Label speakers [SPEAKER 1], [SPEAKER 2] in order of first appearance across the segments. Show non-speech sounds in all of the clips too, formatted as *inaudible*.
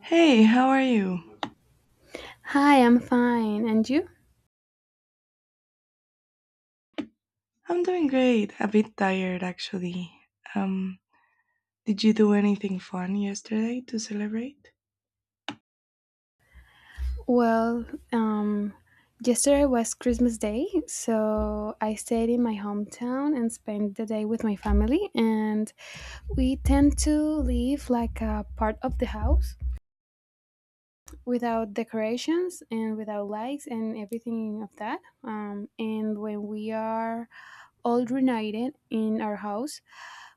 [SPEAKER 1] Hey, how are you?
[SPEAKER 2] Hi, I'm fine. And you?
[SPEAKER 1] I'm doing great. A bit tired, actually. Um, did you do anything fun yesterday to celebrate?
[SPEAKER 2] Well, um, yesterday was Christmas Day, so I stayed in my hometown and spent the day with my family. And we tend to leave like a part of the house without decorations and without lights and everything of that. And when we are all reunited in our house,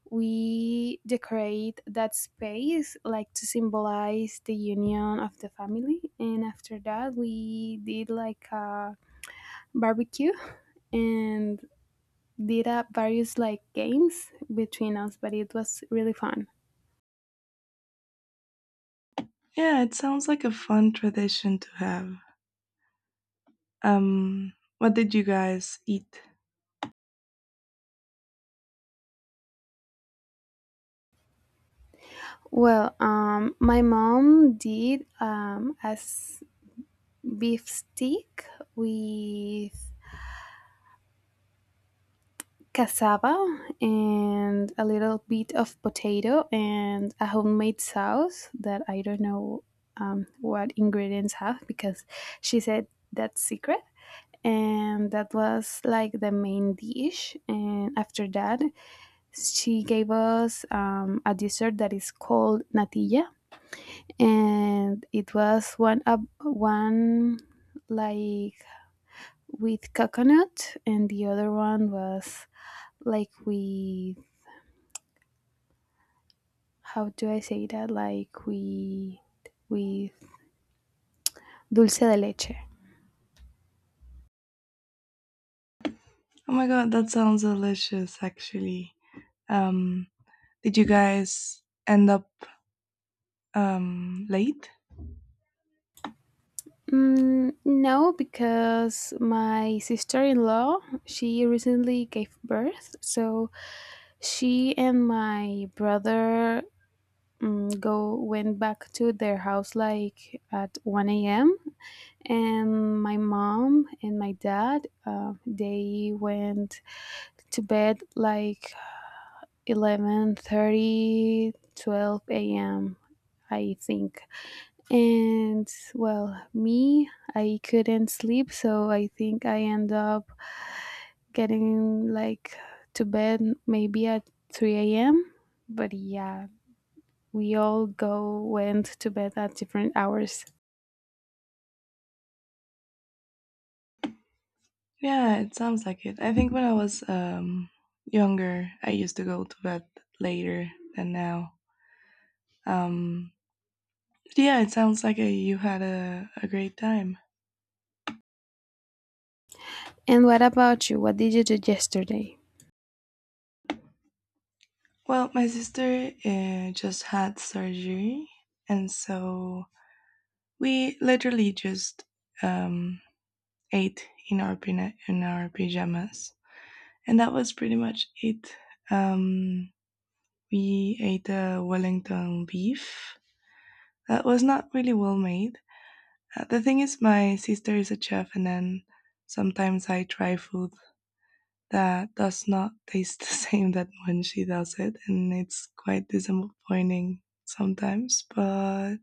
[SPEAKER 2] we decorate that space like to symbolize the union of the family, and after that we did like a barbecue *laughs* and did up various like games between us, but it was really fun.
[SPEAKER 1] Yeah, it sounds like a fun tradition to have. Um, what did you guys eat?
[SPEAKER 2] Well, my mom did as beef stick with cassava and a little bit of potato and a homemade sauce that I don't know what ingredients have because she said that's secret. And that was like the main dish. And after that, she gave us a dessert that is called natilla, and it was one up one like with coconut, and the other one was like with how do I say that? Like with dulce de leche.
[SPEAKER 1] Oh my god, that sounds delicious, actually. Um, did you guys end up late?
[SPEAKER 2] Mm, no, because my sister-in-law she recently gave birth, so she and my brother go went back to their house like at 1 a.m., and my mom and my dad they went to bed like 11:30, 12 a.m. I think. And well, me, I couldn't sleep, so I think I end up getting like to bed maybe at 3 a.m. But yeah, we all go went to bed at different hours.
[SPEAKER 1] Yeah, it sounds like it. I think when I was younger, I used to go to bed later than now. Um, yeah, it sounds like you had a great time.
[SPEAKER 2] And what about you? What did you do yesterday?
[SPEAKER 1] Well, my sister just had surgery, and so we literally just um, eight in our in our pajamas, and that was pretty much it. Um, we ate a Wellington beef that was not really well made. The thing is, my sister is a chef, and then sometimes I try food that does not taste the *laughs* same that when she does it, and it's quite disappointing sometimes. But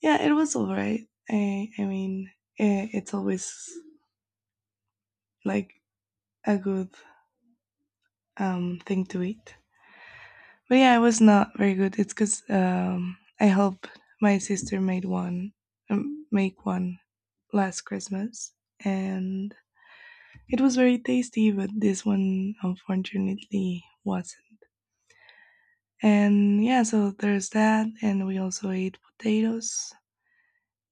[SPEAKER 1] yeah, it was alright. I mean, it's always like a good thing to eat. But yeah, it was not very good. It's because I helped my sister made one, make one last Christmas, and it was very tasty. But this one, unfortunately, wasn't. And yeah, so there's that, and we also ate potatoes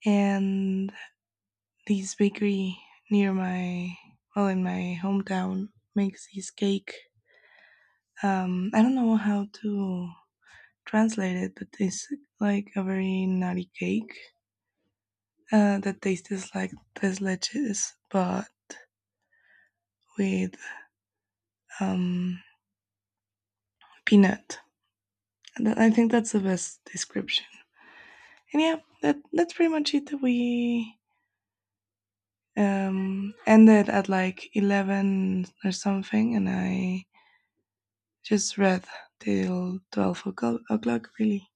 [SPEAKER 1] and this bakery near my well in my hometown makes this cake. I don't know how to translate it, but it's like a very nutty cake. The taste is like tres leches, but with um, peanut. And I think that's the best description. And yeah, that's pretty much it. We ended at like 11 or something, and I just read till 12 o'clock. Really.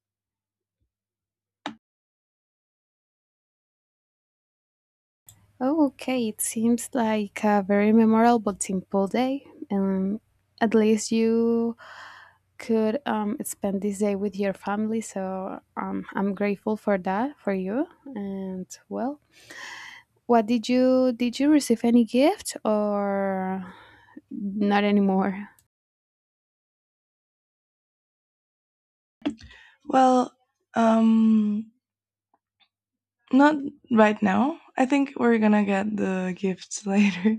[SPEAKER 2] Oh, okay. It seems like a very memorable, simple day. And at least you could spend this day with your family. So I'm grateful for that for you. And well, what did you receive any gift or not anymore?
[SPEAKER 1] Well, um, not right now. I think we're gonna get the gifts *laughs* later.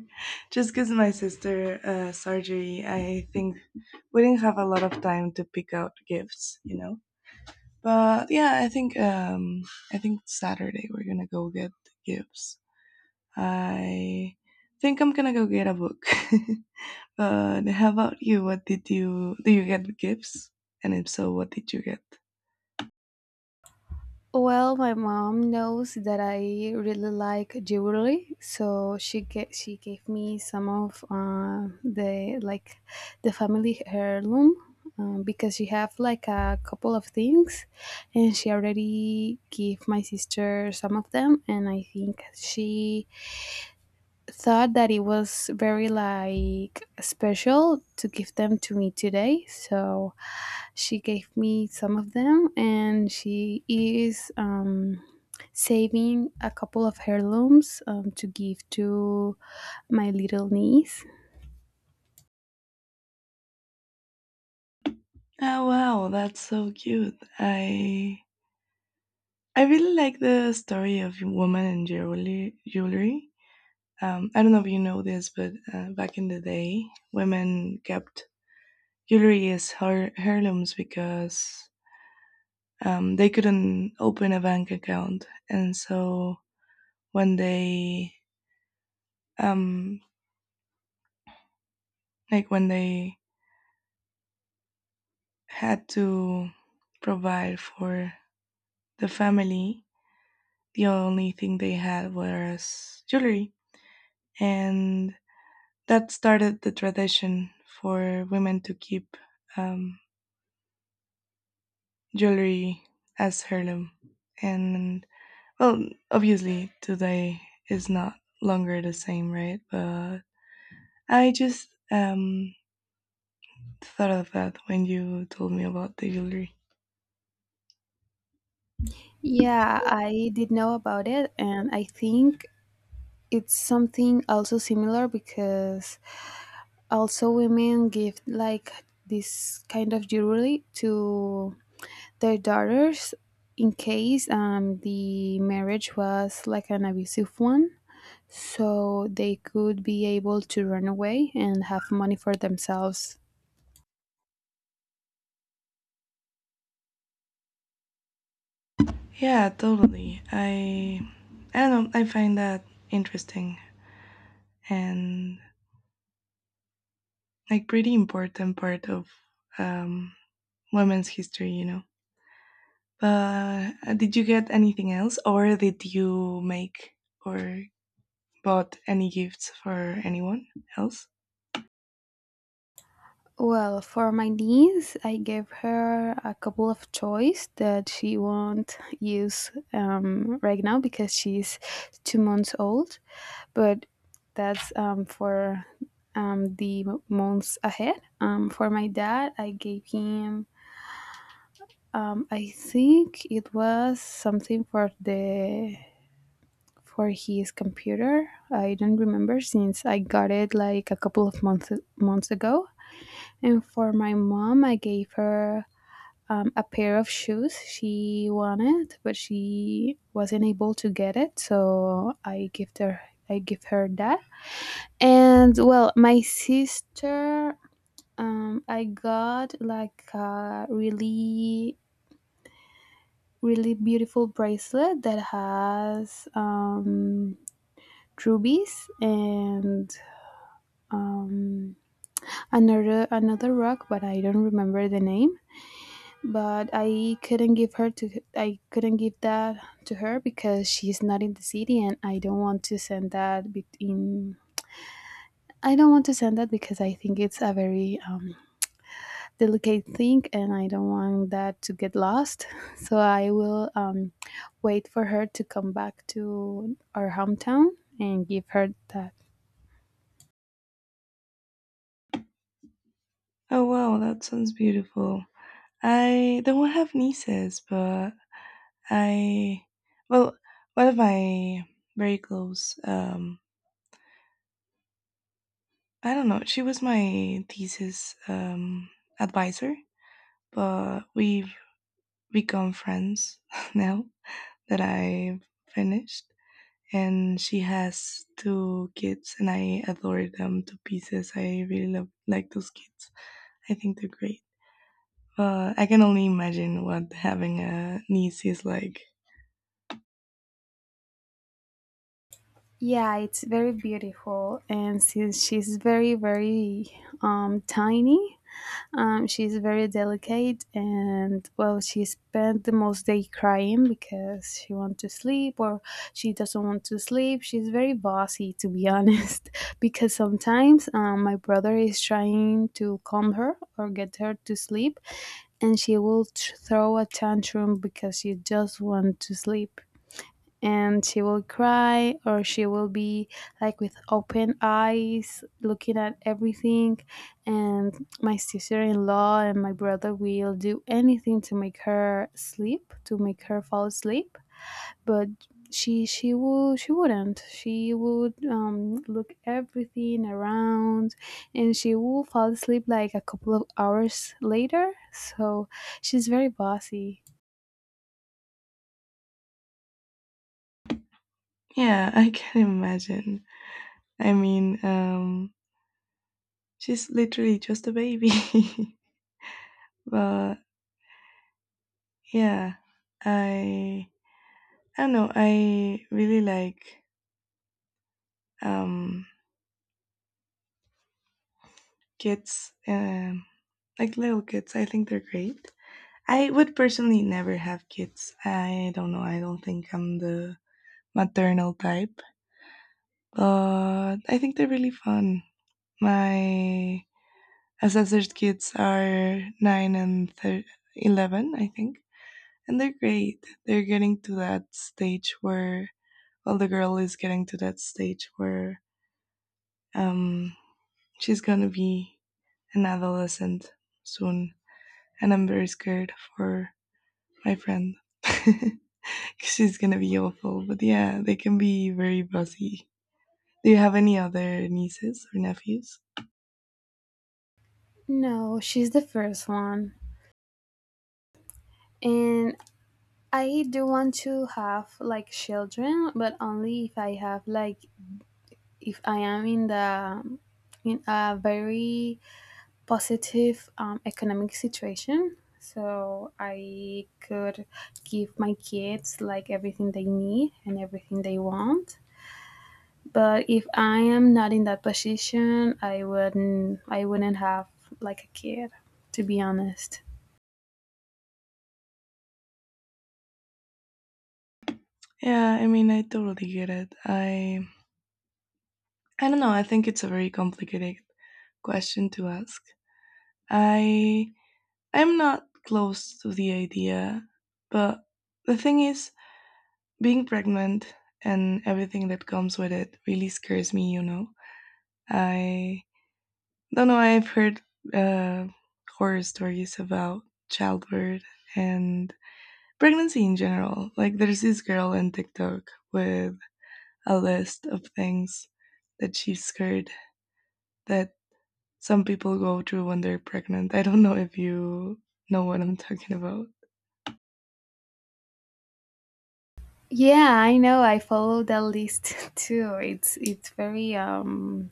[SPEAKER 1] Just because my sister surgery, I think we didn't have a lot of time to pick out gifts, you know. But yeah, I think Saturday we're gonna go get the gifts. I think I'm gonna go get a book. *laughs* But how about you? What did you do? You get gifts, and if so, what did you get?
[SPEAKER 2] Well, my mom knows that I really like jewelry, so she gave me some of the like the family heirloom because she have like a couple of things, and she already gave my sister some of them, and I think she thought that it was very like special to give them to me today, so she gave me some of them, and she is saving a couple of heirlooms to give to my little niece.
[SPEAKER 1] Oh wow, that's so cute. I really like the story of woman and jewelry. Jewelry. I don't know if you know this, but back in the day, women kept jewelry as heirlooms because they couldn't open a bank account, and so when they um, like when they had to provide for the family, the only thing they had was jewelry, and that started the tradition for women to keep um, jewelry as heirloom. And well, obviously today is not longer the same, right? But I just thought of that when you told me about the jewelry.
[SPEAKER 2] Yeah, I did know about it, and I think it's something also similar because also women give like this kind of jewelry to their daughters in case the marriage was like an abusive one, so they could be able to run away and have money for themselves.
[SPEAKER 1] Yeah, totally. I don't know. I find that interesting and like pretty important part of um, women's history. You know. But did you get anything else, or did you make or bought any gifts for anyone else?
[SPEAKER 2] Well, for my niece, I gave her a couple of toys that she won't use right now because she's 2 months old, but that's for the months ahead. For my dad, I gave him I think it was something for his computer. I don't remember since I got it like a couple of months ago. And for my mom, I gave her a pair of shoes she wanted, but she wasn't able to get it, so I give her that. And well, my sister, I got like a really really beautiful bracelet that has rubies and um, another rock, but I don't remember the name. But I couldn't give that to her because she's not in the city, and I don't want to send that in. I don't want to send that because I think it's a very delicate thing, and I don't want that to get lost. *laughs* So I will wait for her to come back to our hometown and give her that.
[SPEAKER 1] Oh wow, that sounds beautiful. I don't have nieces, but I well, one of my very close I don't know, she was my thesis advisor, but we've become friends *laughs* now that I've finished, and she has two kids, and I adore them to pieces. I really love like those kids. I think they're great. I can only imagine what having a niece is like.
[SPEAKER 2] Yeah, it's very beautiful. And since she's very, very tiny, she's very delicate, and well, she spent the most day crying because she wants to sleep or she doesn't want to sleep. She's very bossy, to be honest, *laughs* because sometimes my brother is trying to calm her or get her to sleep, and she will throw a tantrum because she just wants to sleep, and she will cry or she will be like with open eyes looking at everything. And my sister-in-law and my brother will do anything to make her sleep to make her fall asleep, but she will she wouldn't she would look everything around, and she will fall asleep like a couple of hours later, so she's very bossy.
[SPEAKER 1] Yeah, *laughs* I can imagine. I mean she's literally just a baby. *laughs* But yeah, i I don't know. I really like um kids, like little kids. I think they're great. I would personally never have kids. I don't know. I don't think I'm the maternal type, but I think they're really fun. My assessor's kids are nine and 11, I think, and they're great. They're getting to that stage where, well, the girl is getting to that stage where um, she's gonna be an adolescent soon, and I'm very scared for my friend. *laughs* 'Cause she's gonna be awful, but yeah, they can be very bossy. Do you have any other nieces or nephews?
[SPEAKER 2] No, she's the first one. And I do want to have like children, but only if I have like if I am in a very positive economic situation, so I could give my kids like everything they need and everything they want. But if I am not in that position, I wouldn't have like a kid, to be honest.
[SPEAKER 1] Yeah, I mean, I totally get it. I don't know. I think it's a very complicated question to ask. I I'm not close to the idea, but the thing is, being pregnant and everything that comes with it really scares me. You know, I no, no, I've heard uh, horror stories about childbirth and pregnancy in general. Like, there's this girl on TikTok with a list of things that she's scared that some people go through when they're pregnant. I don't know if you know what I'm talking about.
[SPEAKER 2] Yeah, I know. I follow that list *laughs* too. It's very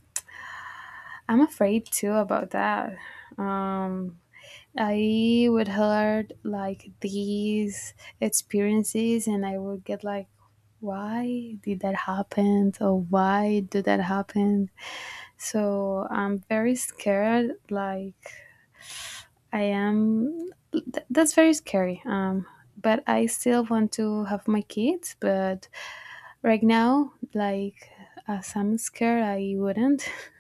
[SPEAKER 2] I'm afraid too about that. Um, I would heard like these experiences, and I would get like, why did that happen? Or why did that happen? So I'm very scared. Like I am. That's very scary. But I still want to have my kids. But right now, like as I'm scared, I wouldn't. *laughs*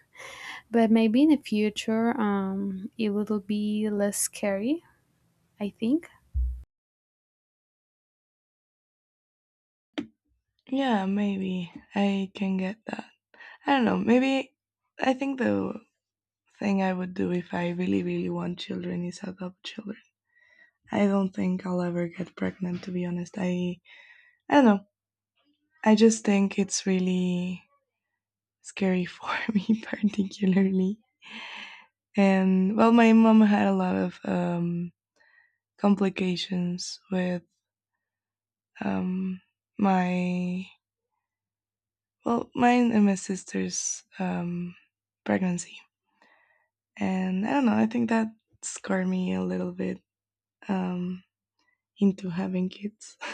[SPEAKER 2] But maybe in the future, it will be less scary, I think.
[SPEAKER 1] Yeah, maybe I can get that. I don't know. Maybe I think the thing I would do if I really, really want children is adopt children. I don't think I'll ever get pregnant, to be honest. I don't know. I just think it's really scary for *laughs* me, particularly. And well, my mom had a lot of complications with um, my well, mine and my sister's pregnancy. And I don't know. I think that scarred me a little bit um, into having kids. *laughs*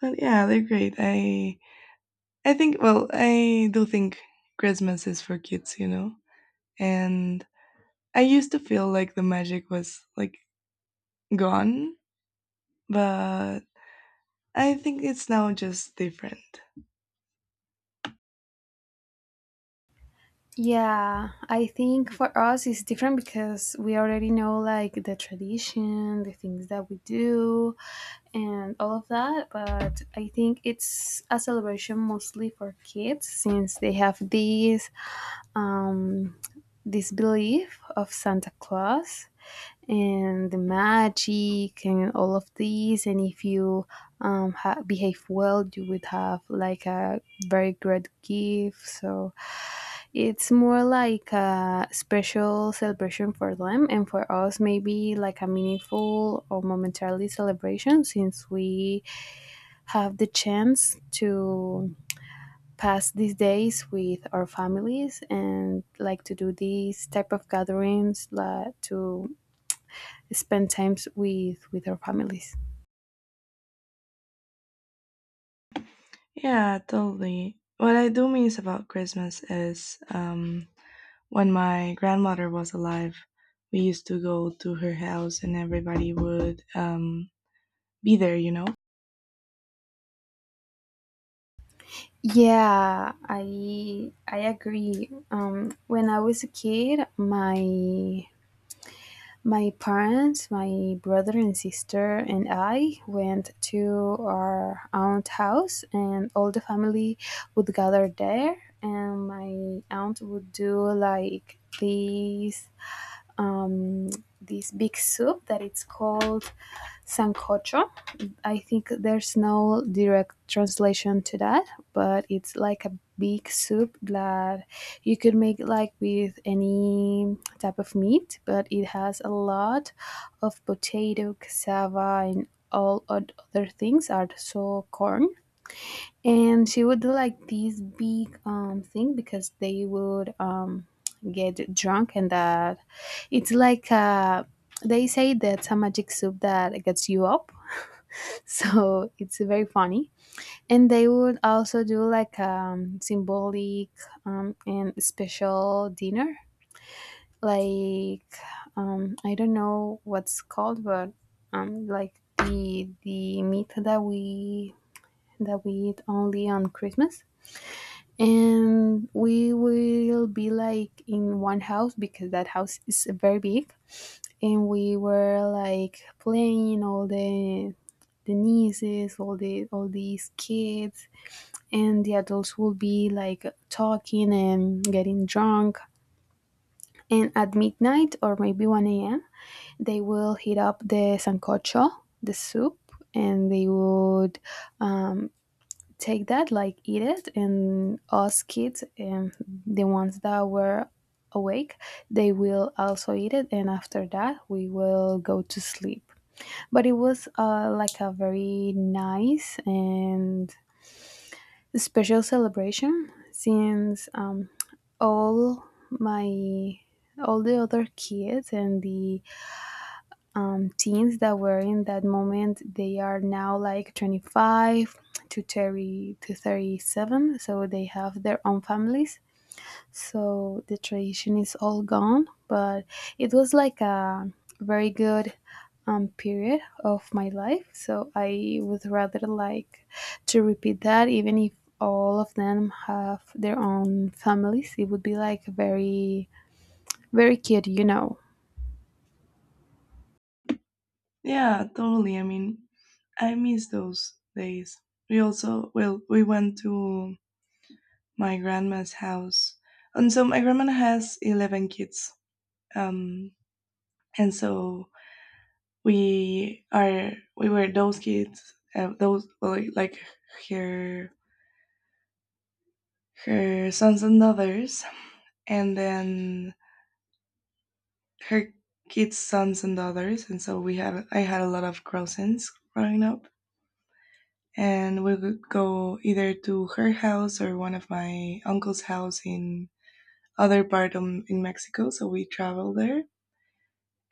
[SPEAKER 1] But yeah, they're great. I think well, I do think Christmas is for kids, you know, and I used to feel like the magic was like gone, but I think it's now just different.
[SPEAKER 2] Yeah, I think for us it's different because we already know like the tradition, the things that we do, and all of that. But I think it's a celebration mostly for kids since they have um, this belief of Santa Claus and the magic and all of these. And if you behave well, you would have like a very great gift. So it's more like a special celebration for them, and for us, maybe like a meaningful or momentarily celebration since we have the chance to pass these days with our families and like to do these type of gatherings like to spend times with our families.
[SPEAKER 1] Yeah, totally. What I do miss about Christmas is when my grandmother was alive, we used to go to her house and everybody would be there, you know?
[SPEAKER 2] Yeah, I agree. When I was a kid, my parents, my brother and sister, and I went to our aunt's house, and all the family would gather there. And my aunt would do like um, this big soup that it's called sancocho. I think there's no direct translation to that, but it's like a big soup that you could make like with any type of meat, but it has a lot of potato, cassava, and all other things are so corn. And she would do like this big thing because they would get drunk, and that it's like they say that's a magic soup that gets you up, so *laughs* it's very funny. And they would also do like symbolic and special dinner like I don't know what's called, but like the meat that we eat only on Christmas. And we will be like in one house because that house is very big, and we were like playing all the nieces, all these kids, and the adults would be like talking and getting drunk. And at midnight or maybe 1 a.m., they will heat up the sancocho, the soup, and they would um, take that, like eat it, and us kids, and the ones that were awake, they will also eat it. And after that, we will go to sleep, but it was like a very nice and special celebration since all my all the other kids and the teens that were in that moment they are now like 25 to 30 to 37, so they have their own families, so the tradition is all gone, but it was like a very good period of my life, so I would rather like to repeat that even if all of them have their own families, it would be like very very cute, you know.
[SPEAKER 1] Yeah, totally. I mean, I miss those days. We went to my grandma's house. And so my grandma has 11 kids. Um, and so we were those kids those well, like her her sons and daughters, and then her kids sons and daughters, and so we had I had a lot of cousins growing up, and we would go either to her house or one of my uncle's house in other in Mexico, so we traveled there.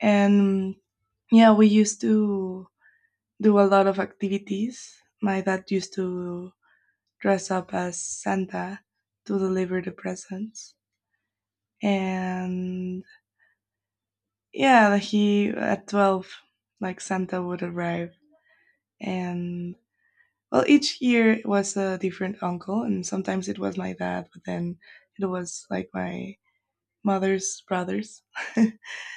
[SPEAKER 1] And yeah, we used to do a lot of activities. My dad used to dress up as Santa to deliver the presents. And yeah, he at 12 like Santa would arrive, and well each year it was a different uncle, and sometimes it was my dad, but then it was like my mother's brothers.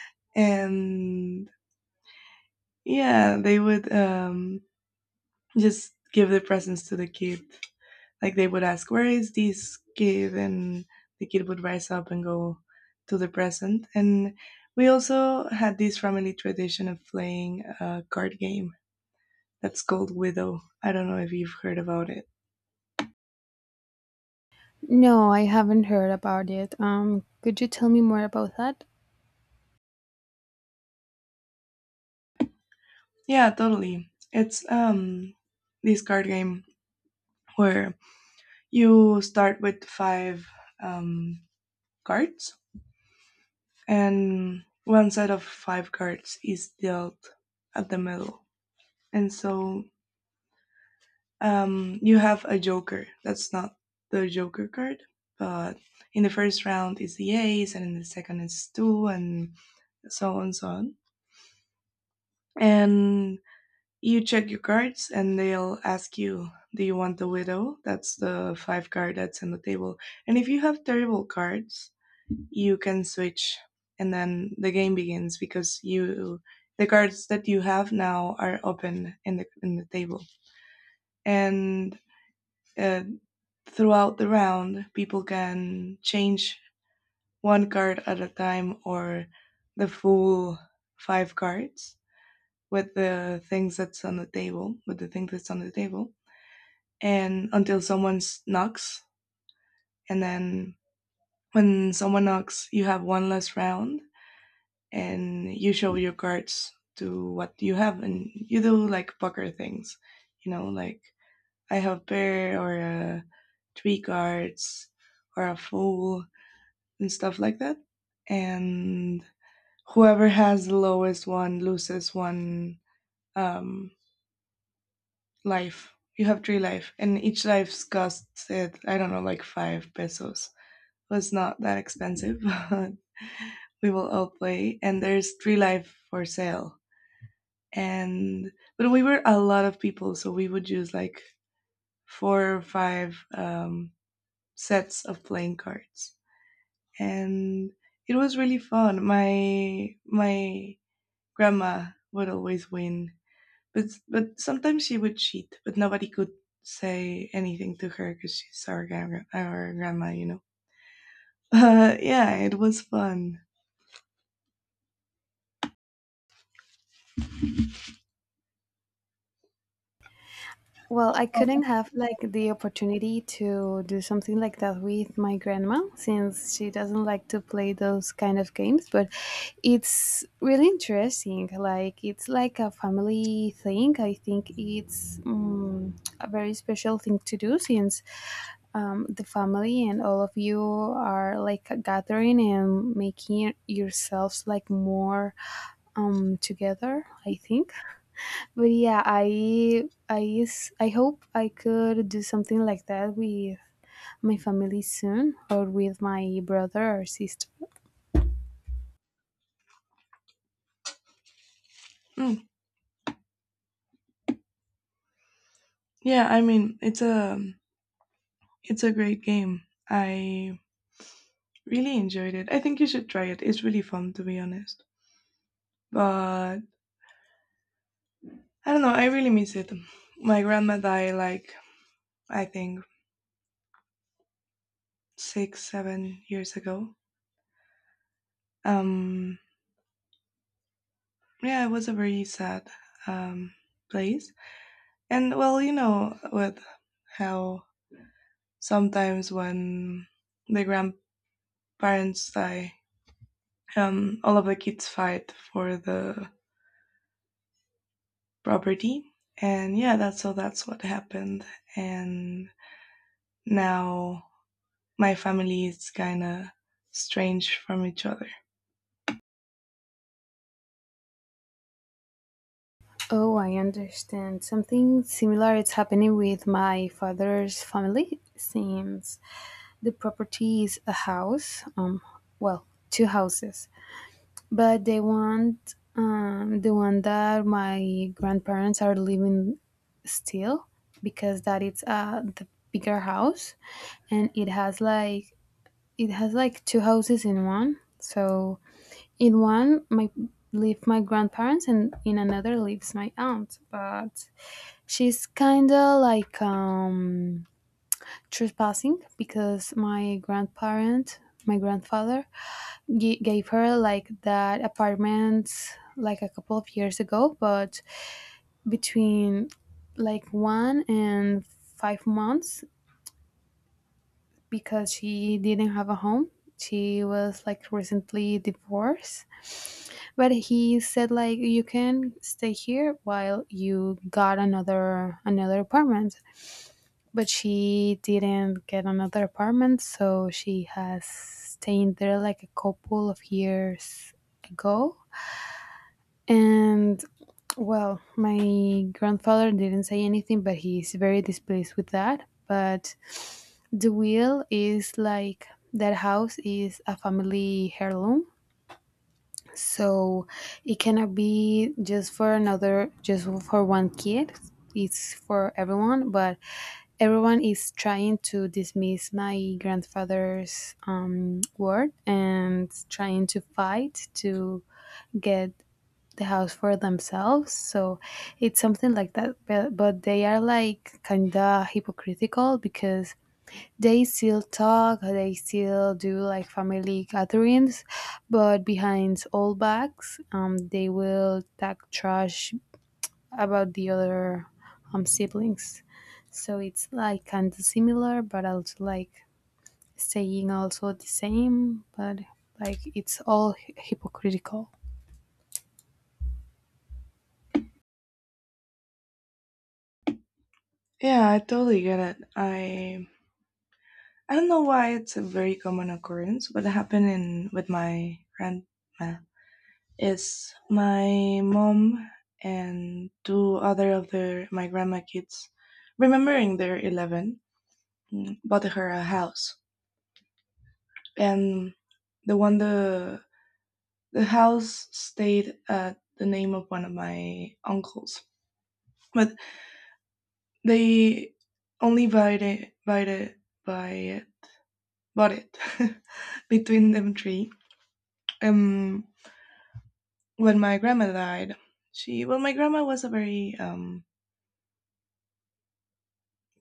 [SPEAKER 1] *laughs* And yeah, they would just give the presents to the kid, like they would ask, "Where is this kid?" and the kid would rise up and go to the present. And we also had this family tradition of playing a card game that's called Widow. I don't know if you've heard about it.
[SPEAKER 2] No, I haven't heard about it. Could you tell me more about that?
[SPEAKER 1] Yeah, totally. It's this card game where you start with five um, cards, and one set of five cards is dealt at the middle. And so you have a joker. That's not the joker card, but in the first round is the ace, and in the second is two, and so on, so on. And you check your cards, and they'll ask you, "Do you want the widow?" That's the five card that's on the table. And if you have terrible cards, you can switch, and then the game begins because you the cards that you have now are open in the table. And uh, throughout the round, people can change one card at a time or the full five cards with the things that's on the table, with the thing that's on the table, and until someone knocks. And then when someone knocks, you have one less round, and you show your cards to what you have. And you do like poker things, you know, like I have a pair or a three cards or a full and stuff like that. And whoever has the lowest one loses one um, life. You have three life, and each life's costs it I don't know like five pesos. Well, it's not that expensive, but *laughs* we will all play. And there's three life for sale. And but we were a lot of people, so we would use like four or five sets of playing cards, and it was really fun. My grandma would always win. But sometimes she would cheat, but nobody could say anything to her because she's our, our grandma, you know. *laughs* Yeah, it was fun.
[SPEAKER 2] Well, I couldn't have like the opportunity to do something like that with my grandma since she doesn't like to play those kind of games, but it's really interesting. Like it's like a family thing. I think it's a very special thing to do since the family and all of you are like gathering and making yourselves like more together, I think. But yeah, I hope I could do something like that with my family soon or with my brother or sister.
[SPEAKER 1] Mm, yeah, I mean it's a great game. I really enjoyed it. I think you should try it. It's really fun, to be honest. But I don't know. I really miss it. My grandma died like I think 6 7 years ago. Um, yeah, it was a very sad um, place. And well, you know, with how sometimes when the grandparents die, all of the kids fight for the property. And yeah, that's what happened. And now my family is kind of strange from each other.
[SPEAKER 2] Oh, I understand. Something similar is happening with my father's family since the property is a house, well, two houses, but they want the one that my grandparents are living still because that it's the bigger house, and it has like two houses in one. So in one my live my grandparents, and in another lives my aunt. But she's kinda like trespassing because my grandfather gave her like that apartment like a couple of years ago, but between like 1 and 5 months because she didn't have a home. She was like recently divorced, but he said like you can stay here while you got another apartment. But she didn't get another apartment, so she has stayed there like a couple of years ago. And well, my grandfather didn't say anything, but he's very displeased with that. But the wheel is like that house is a family heirloom, so it cannot be just for one kid, it's for everyone, but everyone is trying to dismiss my grandfather's word and trying to fight to get the house for themselves. So it's something like that, but they are like kind of hypocritical because they still talk, they still do like family gatherings, but behind all backs, they will talk trash about the other siblings. So it's like kind of similar, but also like staying also the same, but like it's all hypocritical.
[SPEAKER 1] Yeah, I totally get it. I don't know why it's a very common occurrence, but it happened in with my grand it's my mom and two other of their my grandma kids, remembering they're 11, mm, bought her a house, and the one the the house stayed at the name of one of my uncles, but they only buy it, bought it *laughs* between them three. Um, when my grandma died, she well, my grandma was a very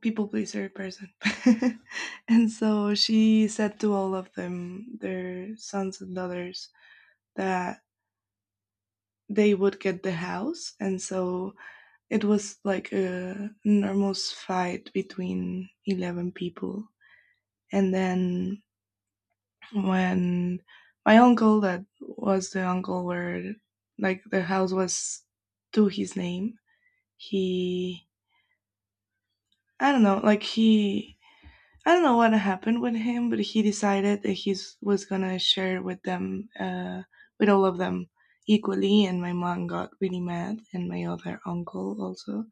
[SPEAKER 1] people pleaser person. *laughs* And so she said to all of them, their sons and daughters, that they would get the house. And so it was like a enormous fight between 11 people. And then when my uncle, that was the uncle where like the house was to his name, he, I don't know, like he I don't know what happened with him, but he decided that he was gonna share with them, with all of them equally. And my mom got really mad, and my other uncle also,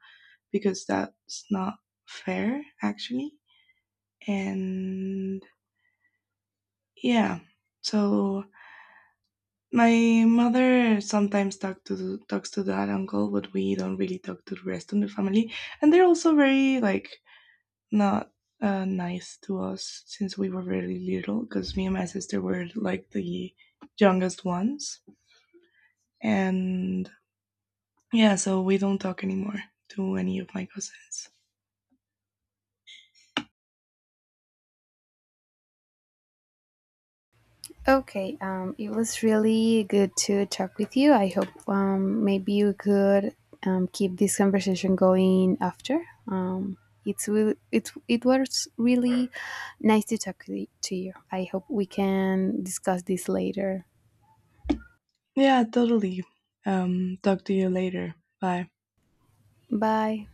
[SPEAKER 1] because that's not fair, actually. And yeah, so my mother sometimes talks to that uncle, but we don't really talk to the rest of the family. And they're also very like not nice to us since we were really little because me and my sister were like the youngest ones. And yeah, so we don't talk anymore to any of my cousins.
[SPEAKER 2] Okay, it was really good to talk with you. I hope maybe you could keep this conversation going after. Um, it was really nice to talk to you. I hope we can discuss this later.
[SPEAKER 1] Yeah, totally. Talk to you later. Bye.
[SPEAKER 2] Bye.